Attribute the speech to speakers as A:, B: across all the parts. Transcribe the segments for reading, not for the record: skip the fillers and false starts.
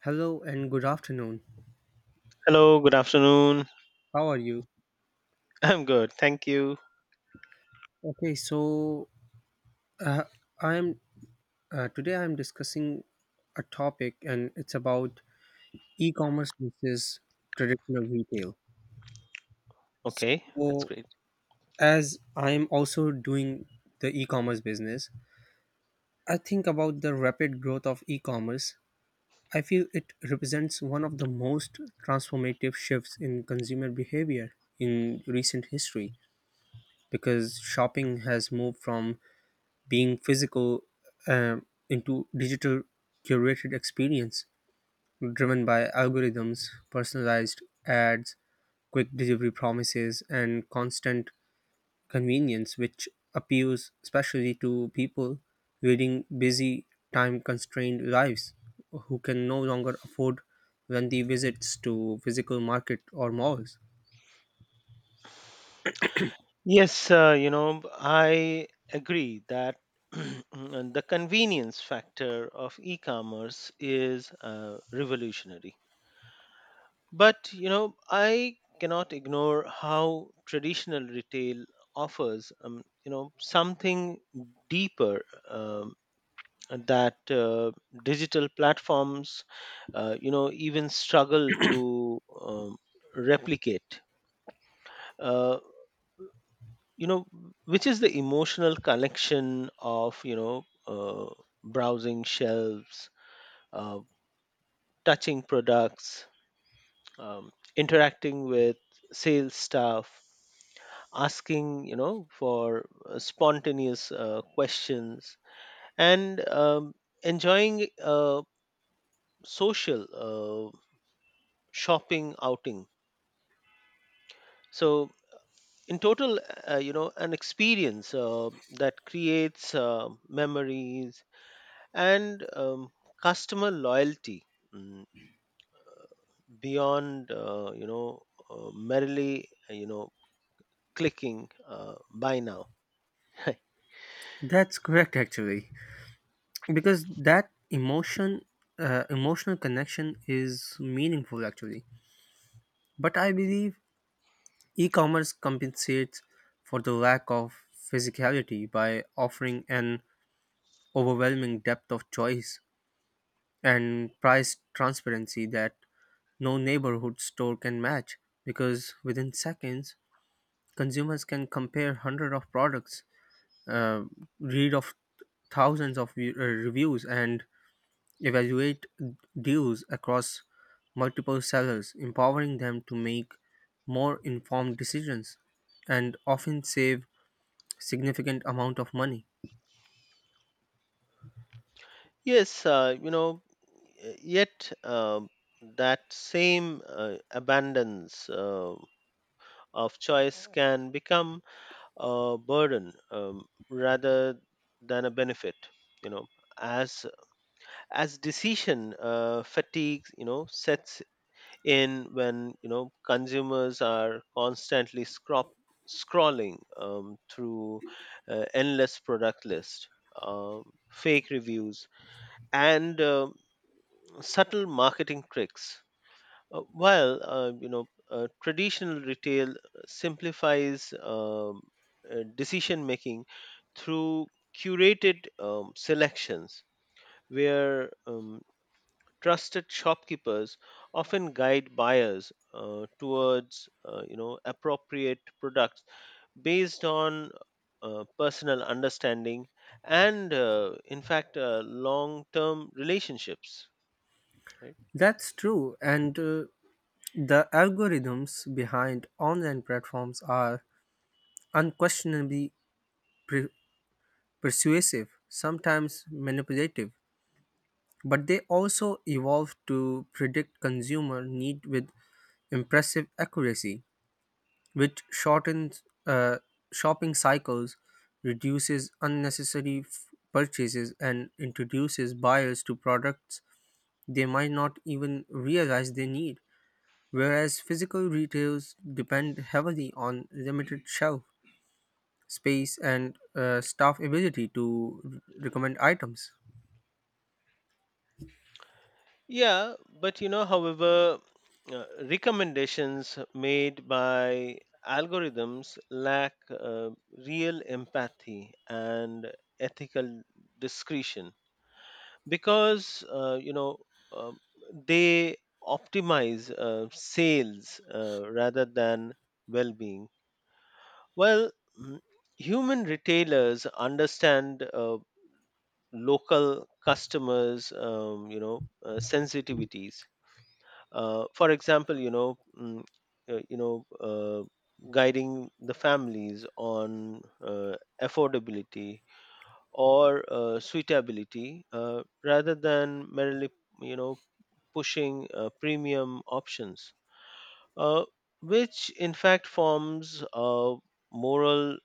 A: Hello and good afternoon.
B: Hello, good afternoon.
A: How are you?
B: I'm good. Thank you.
A: Okay, so uh, I'm today I'm discussing a topic, and it's about e-commerce versus traditional retail.
B: Okay, that's
A: So
B: great.
A: as I'm also doing the e-commerce business, I think about the rapid growth of e-commerce. I feel it represents one of the most transformative shifts in consumer behavior in recent history, because shopping has moved from being physical into digital curated experience driven by algorithms, personalized ads, quick delivery promises, and constant convenience, which appeals especially to people leading busy, time constrained lives who can no longer afford lengthy visits to physical market or malls.
B: Yes, I agree that and the convenience factor of e commerce is revolutionary. But, I cannot ignore how traditional retail offers, something deeper um, that digital platforms even struggle to replicate, uh, you know which is the emotional connection of browsing shelves, uh, touching products, interacting with sales staff, asking for spontaneous questions, and enjoying a social shopping outing. So, in total, an experience that creates memories and customer loyalty mm, beyond, merely, clicking buy now.
A: That's correct, actually, because that emotional connection is meaningful, actually. But I believe e commerce compensates for the lack of physicality by offering an overwhelming depth of choice and price transparency that no neighborhood store can match, because within seconds consumers can compare hundreds of products, uh, read of thousands of reviews and evaluate deals across multiple sellers, empowering them to make more informed decisions and often save significant amount of money.
B: Yes, yet that same abundance of choice can become a burden, rather than a benefit, you know as decision fatigue sets in when consumers are constantly scrolling through endless product list, um, fake reviews, and subtle marketing tricks, while traditional retail simplifies decision making through curated selections, where trusted shopkeepers often guide buyers towards appropriate products based on personal understanding and, in fact, long term relationships, right?
A: That's true, and the algorithms behind online platforms are unquestionably pre- persuasive, sometimes manipulative, but they also evolve to predict consumer need with impressive accuracy, which shortens shopping cycles, reduces unnecessary purchases, and introduces buyers to products they might not even realize they need. Whereas physical retails depend heavily on limited shelf space and staff ability to recommend items.
B: Yeah, but you know, however, recommendations made by algorithms lack real empathy and ethical discretion because, um they optimize sales rather than well-being. Well, mm, human retailers understand local customers', sensitivities, for example, uh, you know uh, guiding the families on affordability or suitability, rather than merely you know pushing premium options, uh, which in fact forms a moral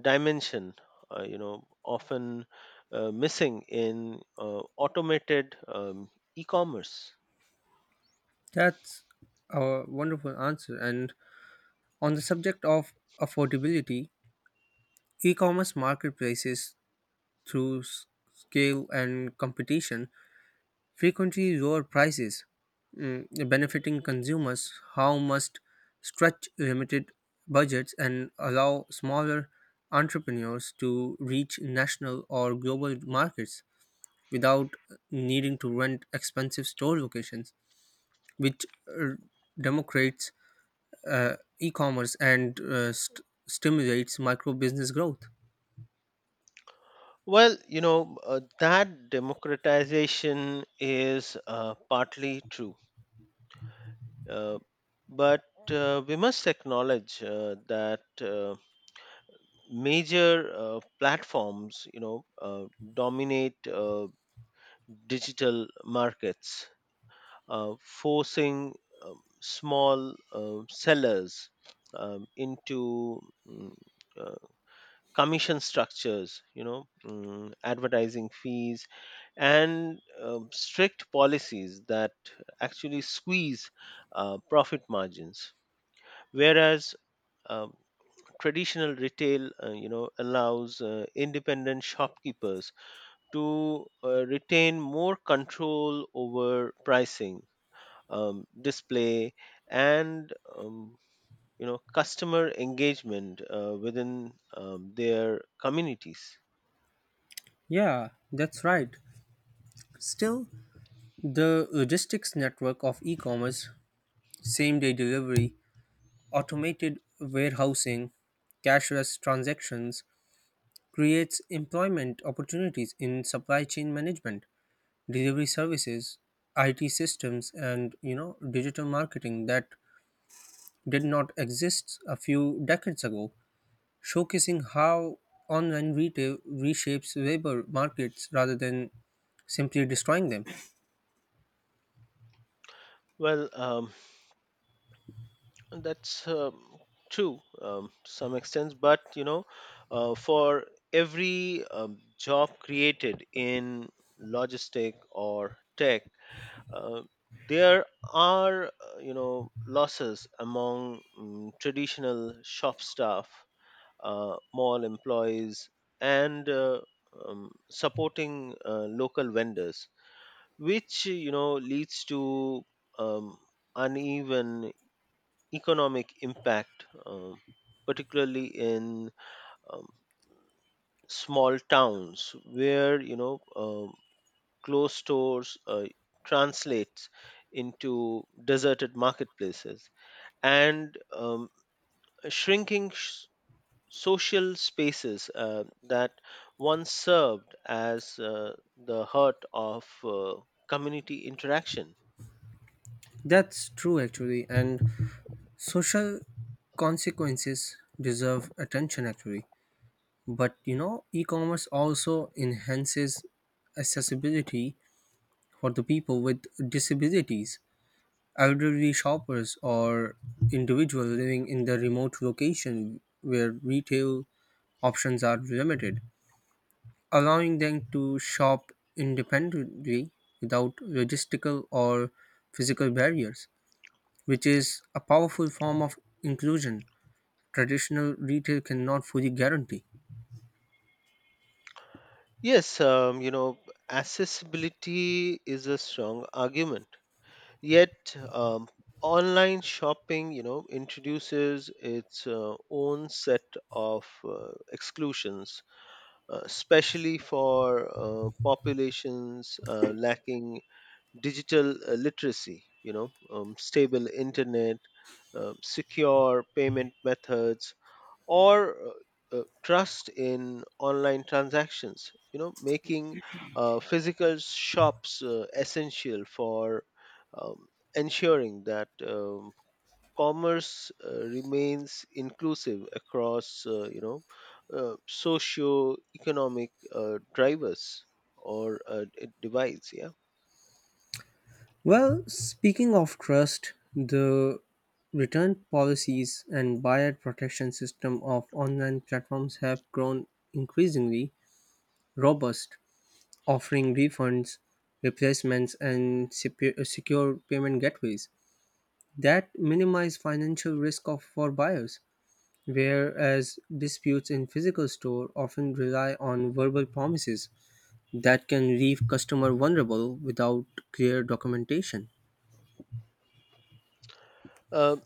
B: dimension often missing in automated e-commerce.
A: That's a wonderful answer. And on the subject of affordability, e commerce marketplaces, through scale and competition, frequently lower prices, mm, benefiting consumers who must stretch limited budgets and allow smaller entrepreneurs to reach national or global markets without needing to rent expensive store locations, which democrates e-commerce and stimulates micro business growth.
B: Well, that democratization is partly true. Uh, but we must acknowledge that, major platforms, dominate digital markets, forcing small sellers into mm, uh, commission structures, advertising fees and strict policies that actually squeeze profit margins, whereas um, traditional retail, allows independent shopkeepers to retain more control over pricing, display, and customer engagement within their communities.
A: Yeah, that's right. Still, the logistics network of e commerce, same day delivery, automated warehousing, cashless transactions creates employment opportunities in supply chain management, delivery services, IT systems, and you know, digital marketing that did not exist a few decades ago, showcasing how online retail reshapes labor markets rather than simply destroying them.
B: Well, that's true to some extent, but you know, for every job created in logistic or tech, uh, there are, losses among, traditional shop staff, mall employees, and supporting local vendors, which leads to um, uneven economic impact, particularly in um, small towns where closed stores translates into deserted marketplaces and shrinking sh- social spaces that once served as the heart of community interaction.
A: That's true, actually. And social consequences deserve attention actually, but you know, e-commerce also enhances accessibility for the people with disabilities, elderly shoppers or individuals living in the remote location where retail options are limited, allowing them to shop independently without logistical or physical barriers, which is a powerful form of inclusion traditional retail cannot fully guarantee.
B: Yes, accessibility is a strong argument. Yet, online shopping, introduces its own set of exclusions, especially for populations lacking digital literacy, stable internet, secure payment methods, or trust in online transactions, making physical shops essential for um, ensuring that commerce remains inclusive across, socio-economic drivers or divides, yeah.
A: Well, speaking of trust, the return policies and buyer protection system of online platforms have grown increasingly robust, offering refunds, replacements, and secure payment gateways that minimize financial risk of, for buyers. Whereas disputes in physical store often rely on verbal promises that can leave customer vulnerable without clear documentation.
B: Um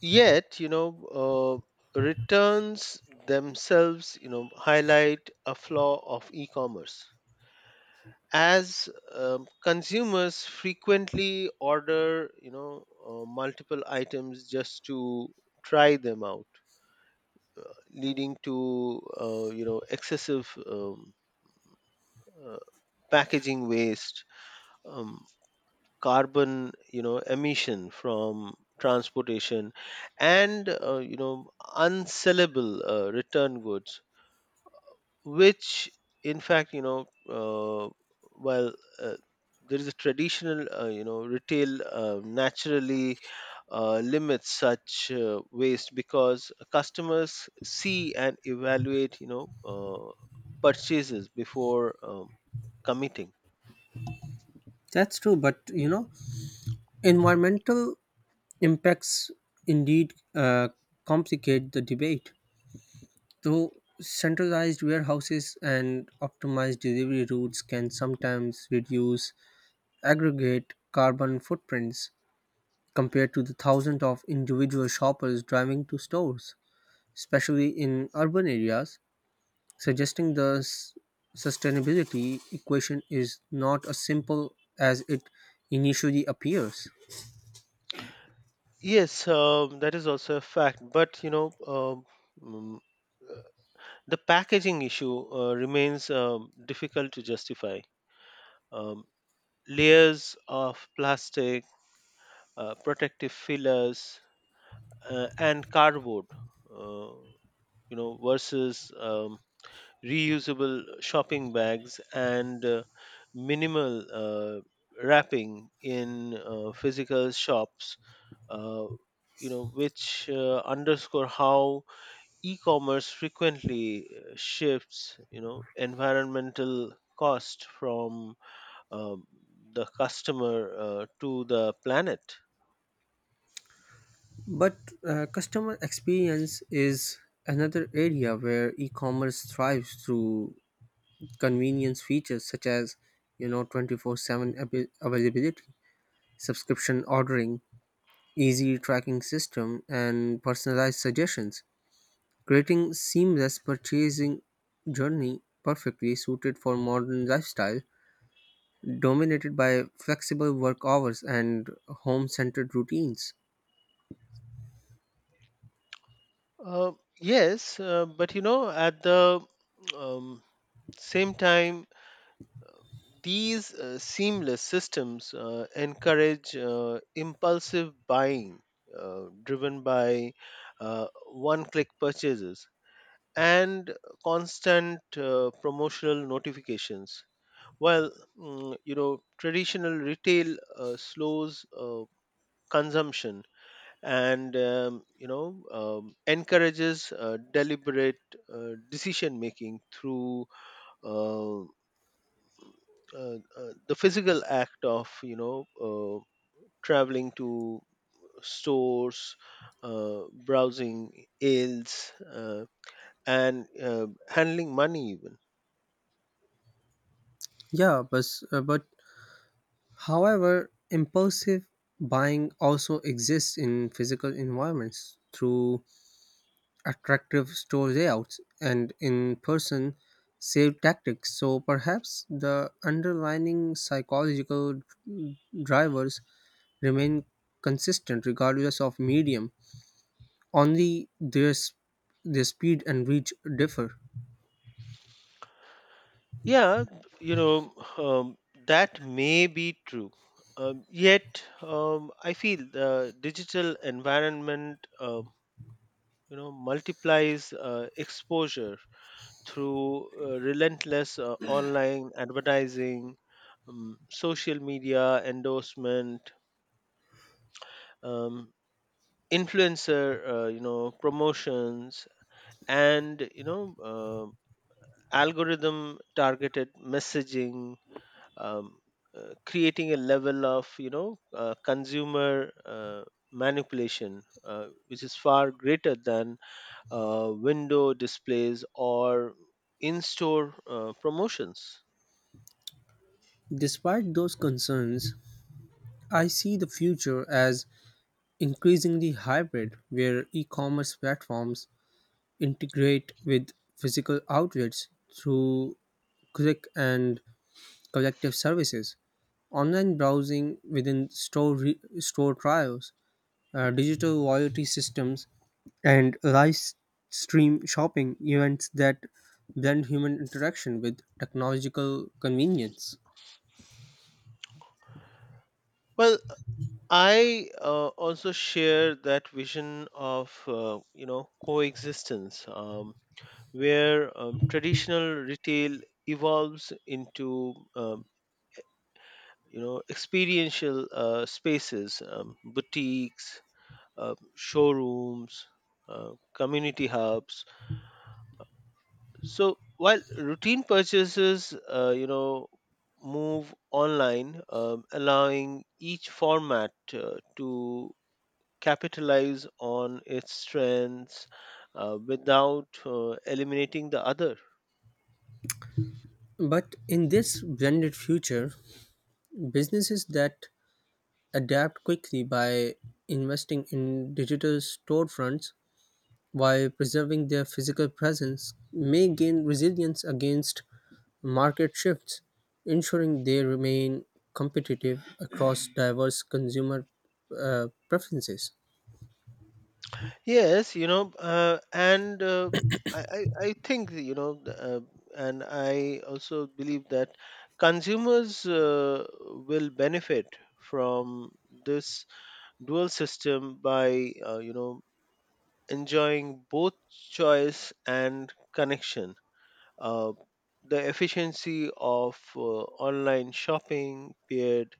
B: Yet uh, returns themselves, highlight a flaw of e-commerce, as consumers frequently order, multiple items just to try them out, leading to, excessive uh, packaging waste, um, carbon, emission from transportation, and, unsellable return goods, which in fact, while uh, there is a traditional, retail naturally limits such waste because customers see and evaluate, purchases before committing.
A: That's true, but you know, environmental impacts indeed complicate the debate. Though centralized warehouses and optimized delivery routes can sometimes reduce aggregate carbon footprints compared to the thousands of individual shoppers driving to stores, especially in urban areas, suggesting the sustainability equation is not as simple as it initially appears.
B: Yes, that is also a fact, but you know, mm, the packaging issue remains difficult to justify: um, layers of plastic, protective fillers, and cardboard, uh, versus reusable shopping bags and minimal wrapping in physical shops. Uh, which underscore how e-commerce frequently shifts, environmental cost from um, the customer to the planet.
A: But customer experience is another area where e-commerce thrives through convenience features such as you know 24/7 availability, subscription ordering, easy tracking system and personalized suggestions, creating seamless purchasing journey perfectly suited for modern lifestyle dominated by flexible work hours and home-centered routines.
B: Uh, yes, but you know, at the um, same time, these seamless systems encourage impulsive buying driven by one click purchases and constant promotional notifications. While, traditional retail slows consumption and encourages deliberate decision making through uh, the physical act of, traveling to stores, browsing aisles, and handling money even.
A: Yeah, but however, impulsive buying also exists in physical environments through attractive store layouts and in-person sale tactics. So perhaps the underlying psychological drivers remain consistent regardless of medium. Only their speed and reach differ.
B: Yeah, you know um, that may be true, yet I feel the digital environment, multiplies exposure through relentless online advertising, social media endorsement, um, influencer promotions, and, uh, algorithm targeted messaging, um, creating a level of, consumer manipulation which is far greater than window displays or in-store promotions.
A: Despite those concerns, I see the future as increasingly hybrid, where e commerce platforms integrate with physical outlets through click and collective services, online browsing within store, store trials, digital loyalty systems, and live stream shopping events that blend human interaction with technological convenience.
B: Well, I also share that vision of, coexistence, where traditional retail evolves into, experiential spaces, boutiques, showrooms, uh, community hubs. So while routine purchases, move online, allowing each format to capitalize on its strengths without eliminating the other.
A: But in this blended future, businesses that adapt quickly by investing in digital storefronts while preserving their physical presence may gain resilience against market shifts, ensuring they remain competitive across diverse consumer preferences.
B: Yes, you know, and I think, and I also believe that consumers will benefit from this dual system by, enjoying both choice and connection. Uh, the efficiency of online shopping paired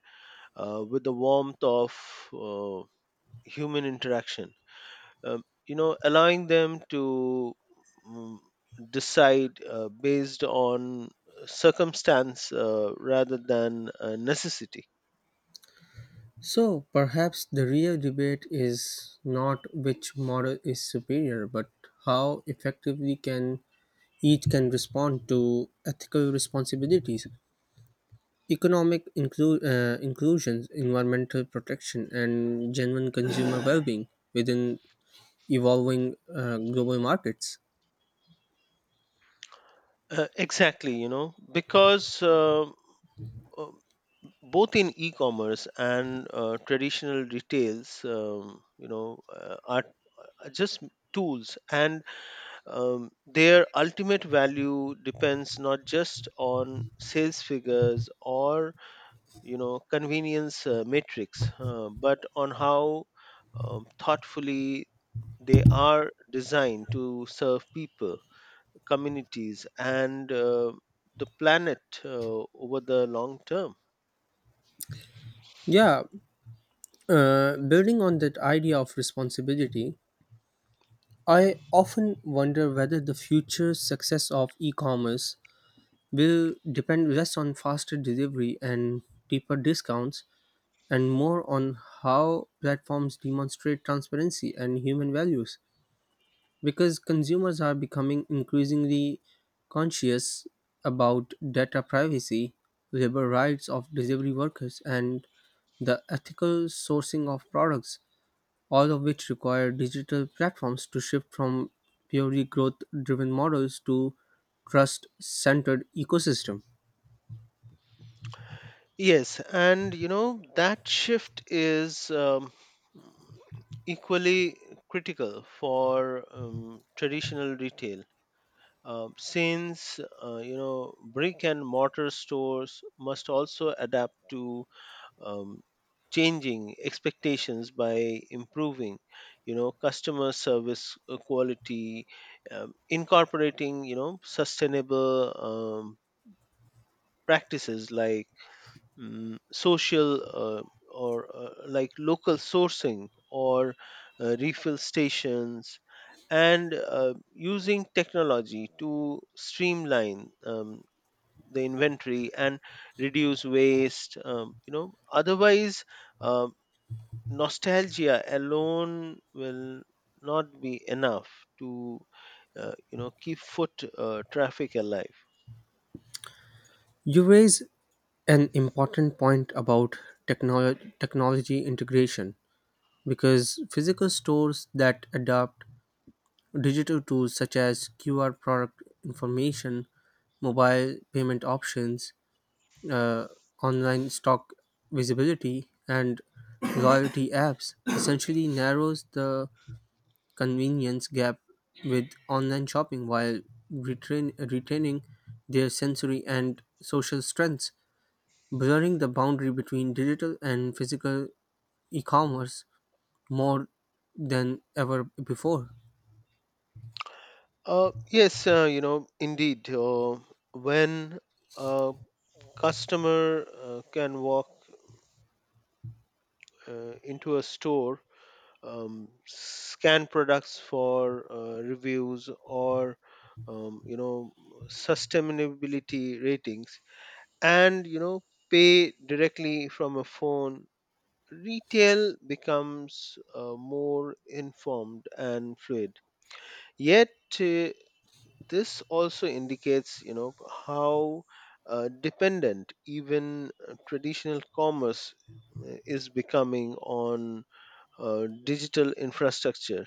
B: with the warmth of uh, human interaction. Allowing them to mm, decide based on circumstance rather than necessity.
A: So perhaps the real debate is not which model is superior, but how effectively can each can respond to ethical responsibilities, economic inclusions, environmental protection, and genuine consumer well being within evolving global markets.
B: Exactly, you know, because um, both in e-commerce and traditional retails, are just tools, and their ultimate value depends not just on sales figures or, convenience metrics, but on how thoughtfully they are designed to serve people, communities and the planet over the long term.
A: Yeah, building on that idea of responsibility, I often wonder whether the future success of e commerce will depend less on faster delivery and deeper discounts and more on how platforms demonstrate transparency and human values, because consumers are becoming increasingly conscious about data privacy, labor rights of delivery workers, and the ethical sourcing of products, all of which require digital platforms to shift from purely growth driven models to trust centered ecosystem.
B: Yes, and you know that shift is equally critical for traditional retail. Since, brick and mortar stores must also adapt to um, changing expectations by improving, customer service quality, incorporating, sustainable um, practices like social, or like local sourcing or refill stations, and using technology to streamline the inventory and reduce waste. Otherwise, um, nostalgia alone will not be enough to, keep foot traffic alive.
A: You raise an important point about technology integration, because physical stores that adapt digital tools such as QR product information, mobile payment options, uh, online stock visibility, and loyalty apps essentially narrows the convenience gap with online shopping while retaining their sensory and social strengths, blurring the boundary between digital and physical e commerce more than ever before.
B: Yes, indeed, when a customer can walk into a store, scan products for reviews or, um, you know sustainability ratings, and, pay directly from a phone, retail becomes more informed and fluid. Yet, uh, this also indicates, how dependent even traditional commerce is becoming on digital infrastructure,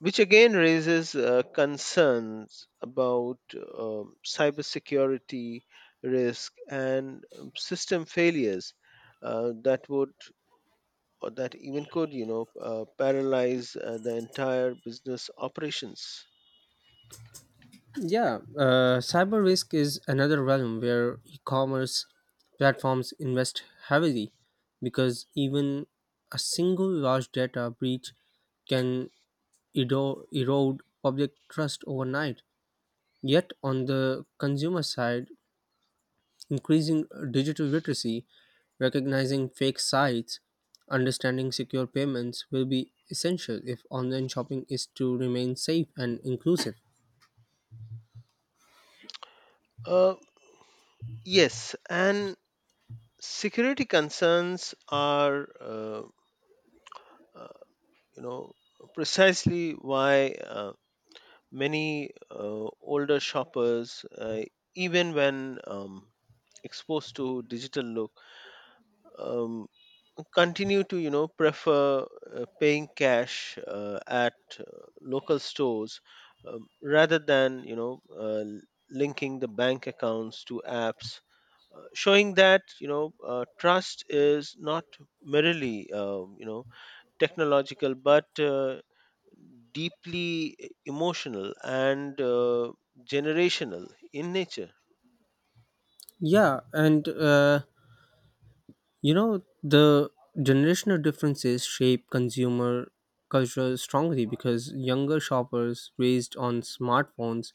B: which again raises concerns about cybersecurity risk and system failures that would, or that even could, paralyze the entire business operations.
A: Yeah, cyber risk is another realm where e commerce platforms invest heavily, because even a single large data breach can erode public trust overnight. Yet, on the consumer side, increasing digital literacy, recognizing fake sites, understanding secure payments will be essential if online shopping is to remain safe and inclusive.
B: uh, yes, and security concerns are, uh, you know precisely why many older shoppers, even when exposed to digital look, um, continue to, prefer paying cash at uh, local stores, rather than, linking the bank accounts to apps, showing that, trust is not merely technological, but deeply emotional and generational in nature.
A: Yeah, and You know, the generational differences shape consumer culture strongly because younger shoppers raised on smartphones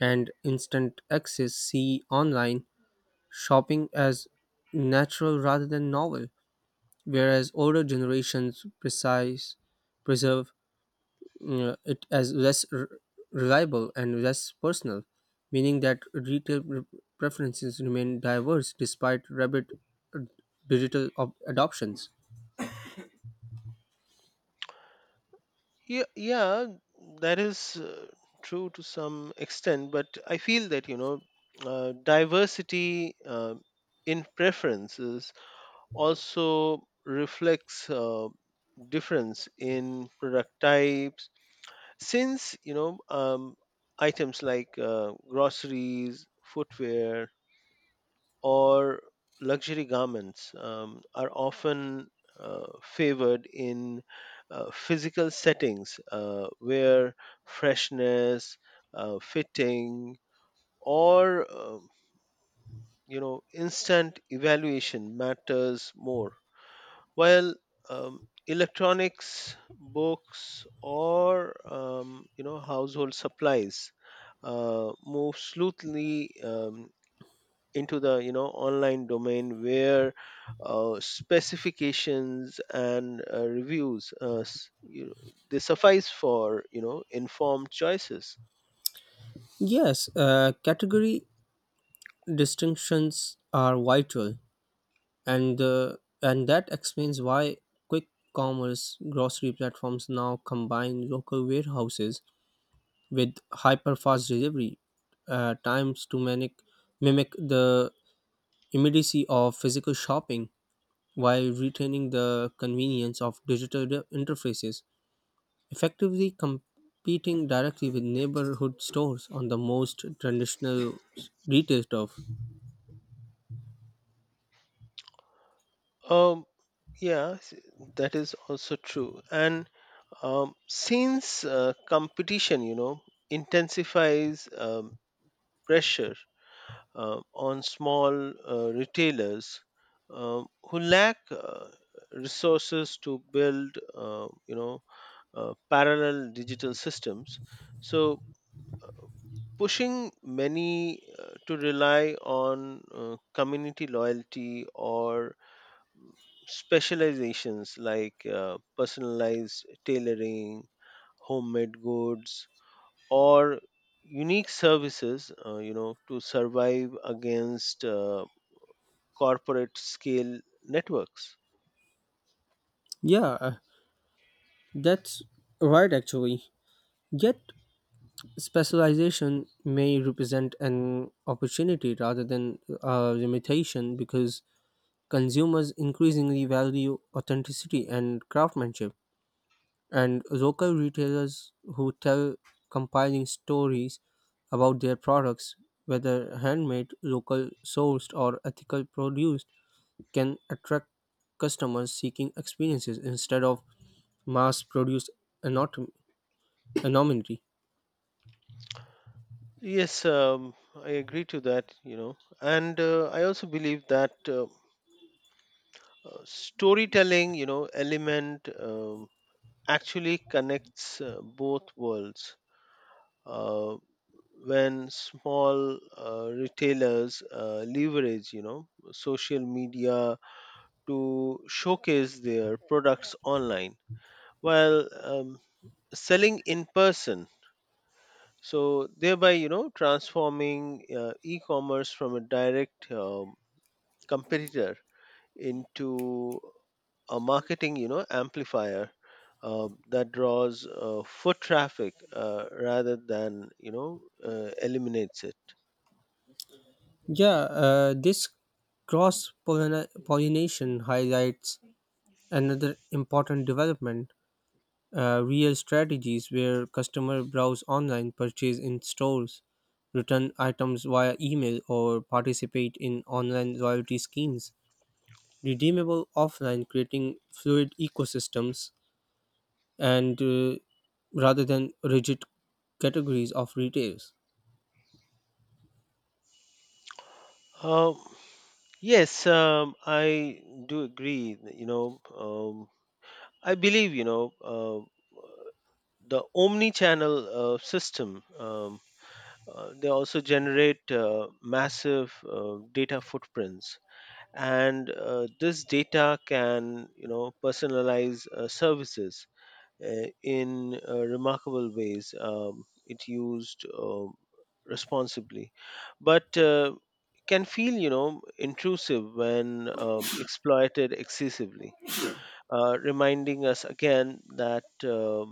A: and instant access see online shopping as natural rather than novel, whereas older generations precise preserve it as less reliable and less personal, meaning that retail preferences remain diverse despite rapid uh, digital adoptions.
B: Yeah, that is true to some extent, but I feel that, diversity in preferences also reflects difference in product types, since, items like groceries, footwear, or luxury garments are often favored in physical settings where freshness, fitting, or, instant evaluation matters more, while um, electronics, books, or, household supplies move sleuthly into the, online domain where specifications and reviews, they suffice for, informed choices.
A: Yes, category distinctions are vital, and uh, and that explains why quick commerce grocery platforms now combine local warehouses with hyper fast delivery times to mimic the immediacy of physical shopping while retaining the convenience of digital interfaces, effectively competing directly with neighborhood stores on the most traditional retail stuff.
B: Um, yeah, that is also true. And since competition, you know, intensifies pressure on small retailers who lack resources to build, parallel digital systems, so pushing many to rely on community loyalty or specializations like personalized tailoring, homemade goods, or unique services to survive against corporate scale networks.
A: Yeah, that's right, actually. Yet, specialization may represent an opportunity rather than a limitation because consumers increasingly value authenticity and craftsmanship, and local retailers who tell compiling stories about their products, whether handmade, local sourced, or ethical produced, can attract customers seeking experiences instead of mass produced anomaly.
B: Yes, I agree to that, you know, and I also believe that, storytelling, you know, element actually connects both worlds. Uh, when small retailers leverage, you know, social media to showcase their products online, while selling in person, so thereby, transforming e-commerce from a direct competitor into a marketing, amplifier that draws foot traffic rather than, eliminates it.
A: Yeah, this cross pollination highlights another important development. Real strategies where customer browse online, purchase in stores, return items via email, or participate in online loyalty schemes, redeemable offline, creating fluid ecosystems and rather than rigid categories of retails.
B: um, yes, I do agree that, you know I believe you know the omni channel system they also generate massive data footprints, and this data can, personalize services in remarkable ways it used responsibly, but can feel, intrusive when exploited excessively, reminding us again that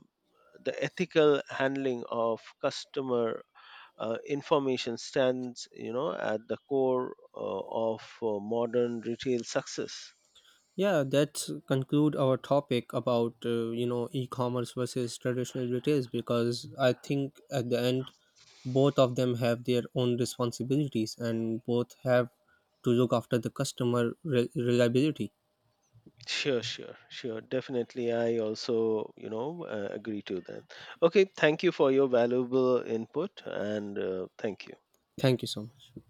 B: the ethical handling of customer information stands, at the core of modern retail success.
A: Yeah, that's conclude our topic about you know e-commerce versus traditional retail, because I think at the end both of them have their own responsibilities and both have to look after the customer reliability.
B: Sure, sure, sure, definitely, I also, agree to that. Okay, thank you for your valuable input, and thank you.
A: Thank you so much.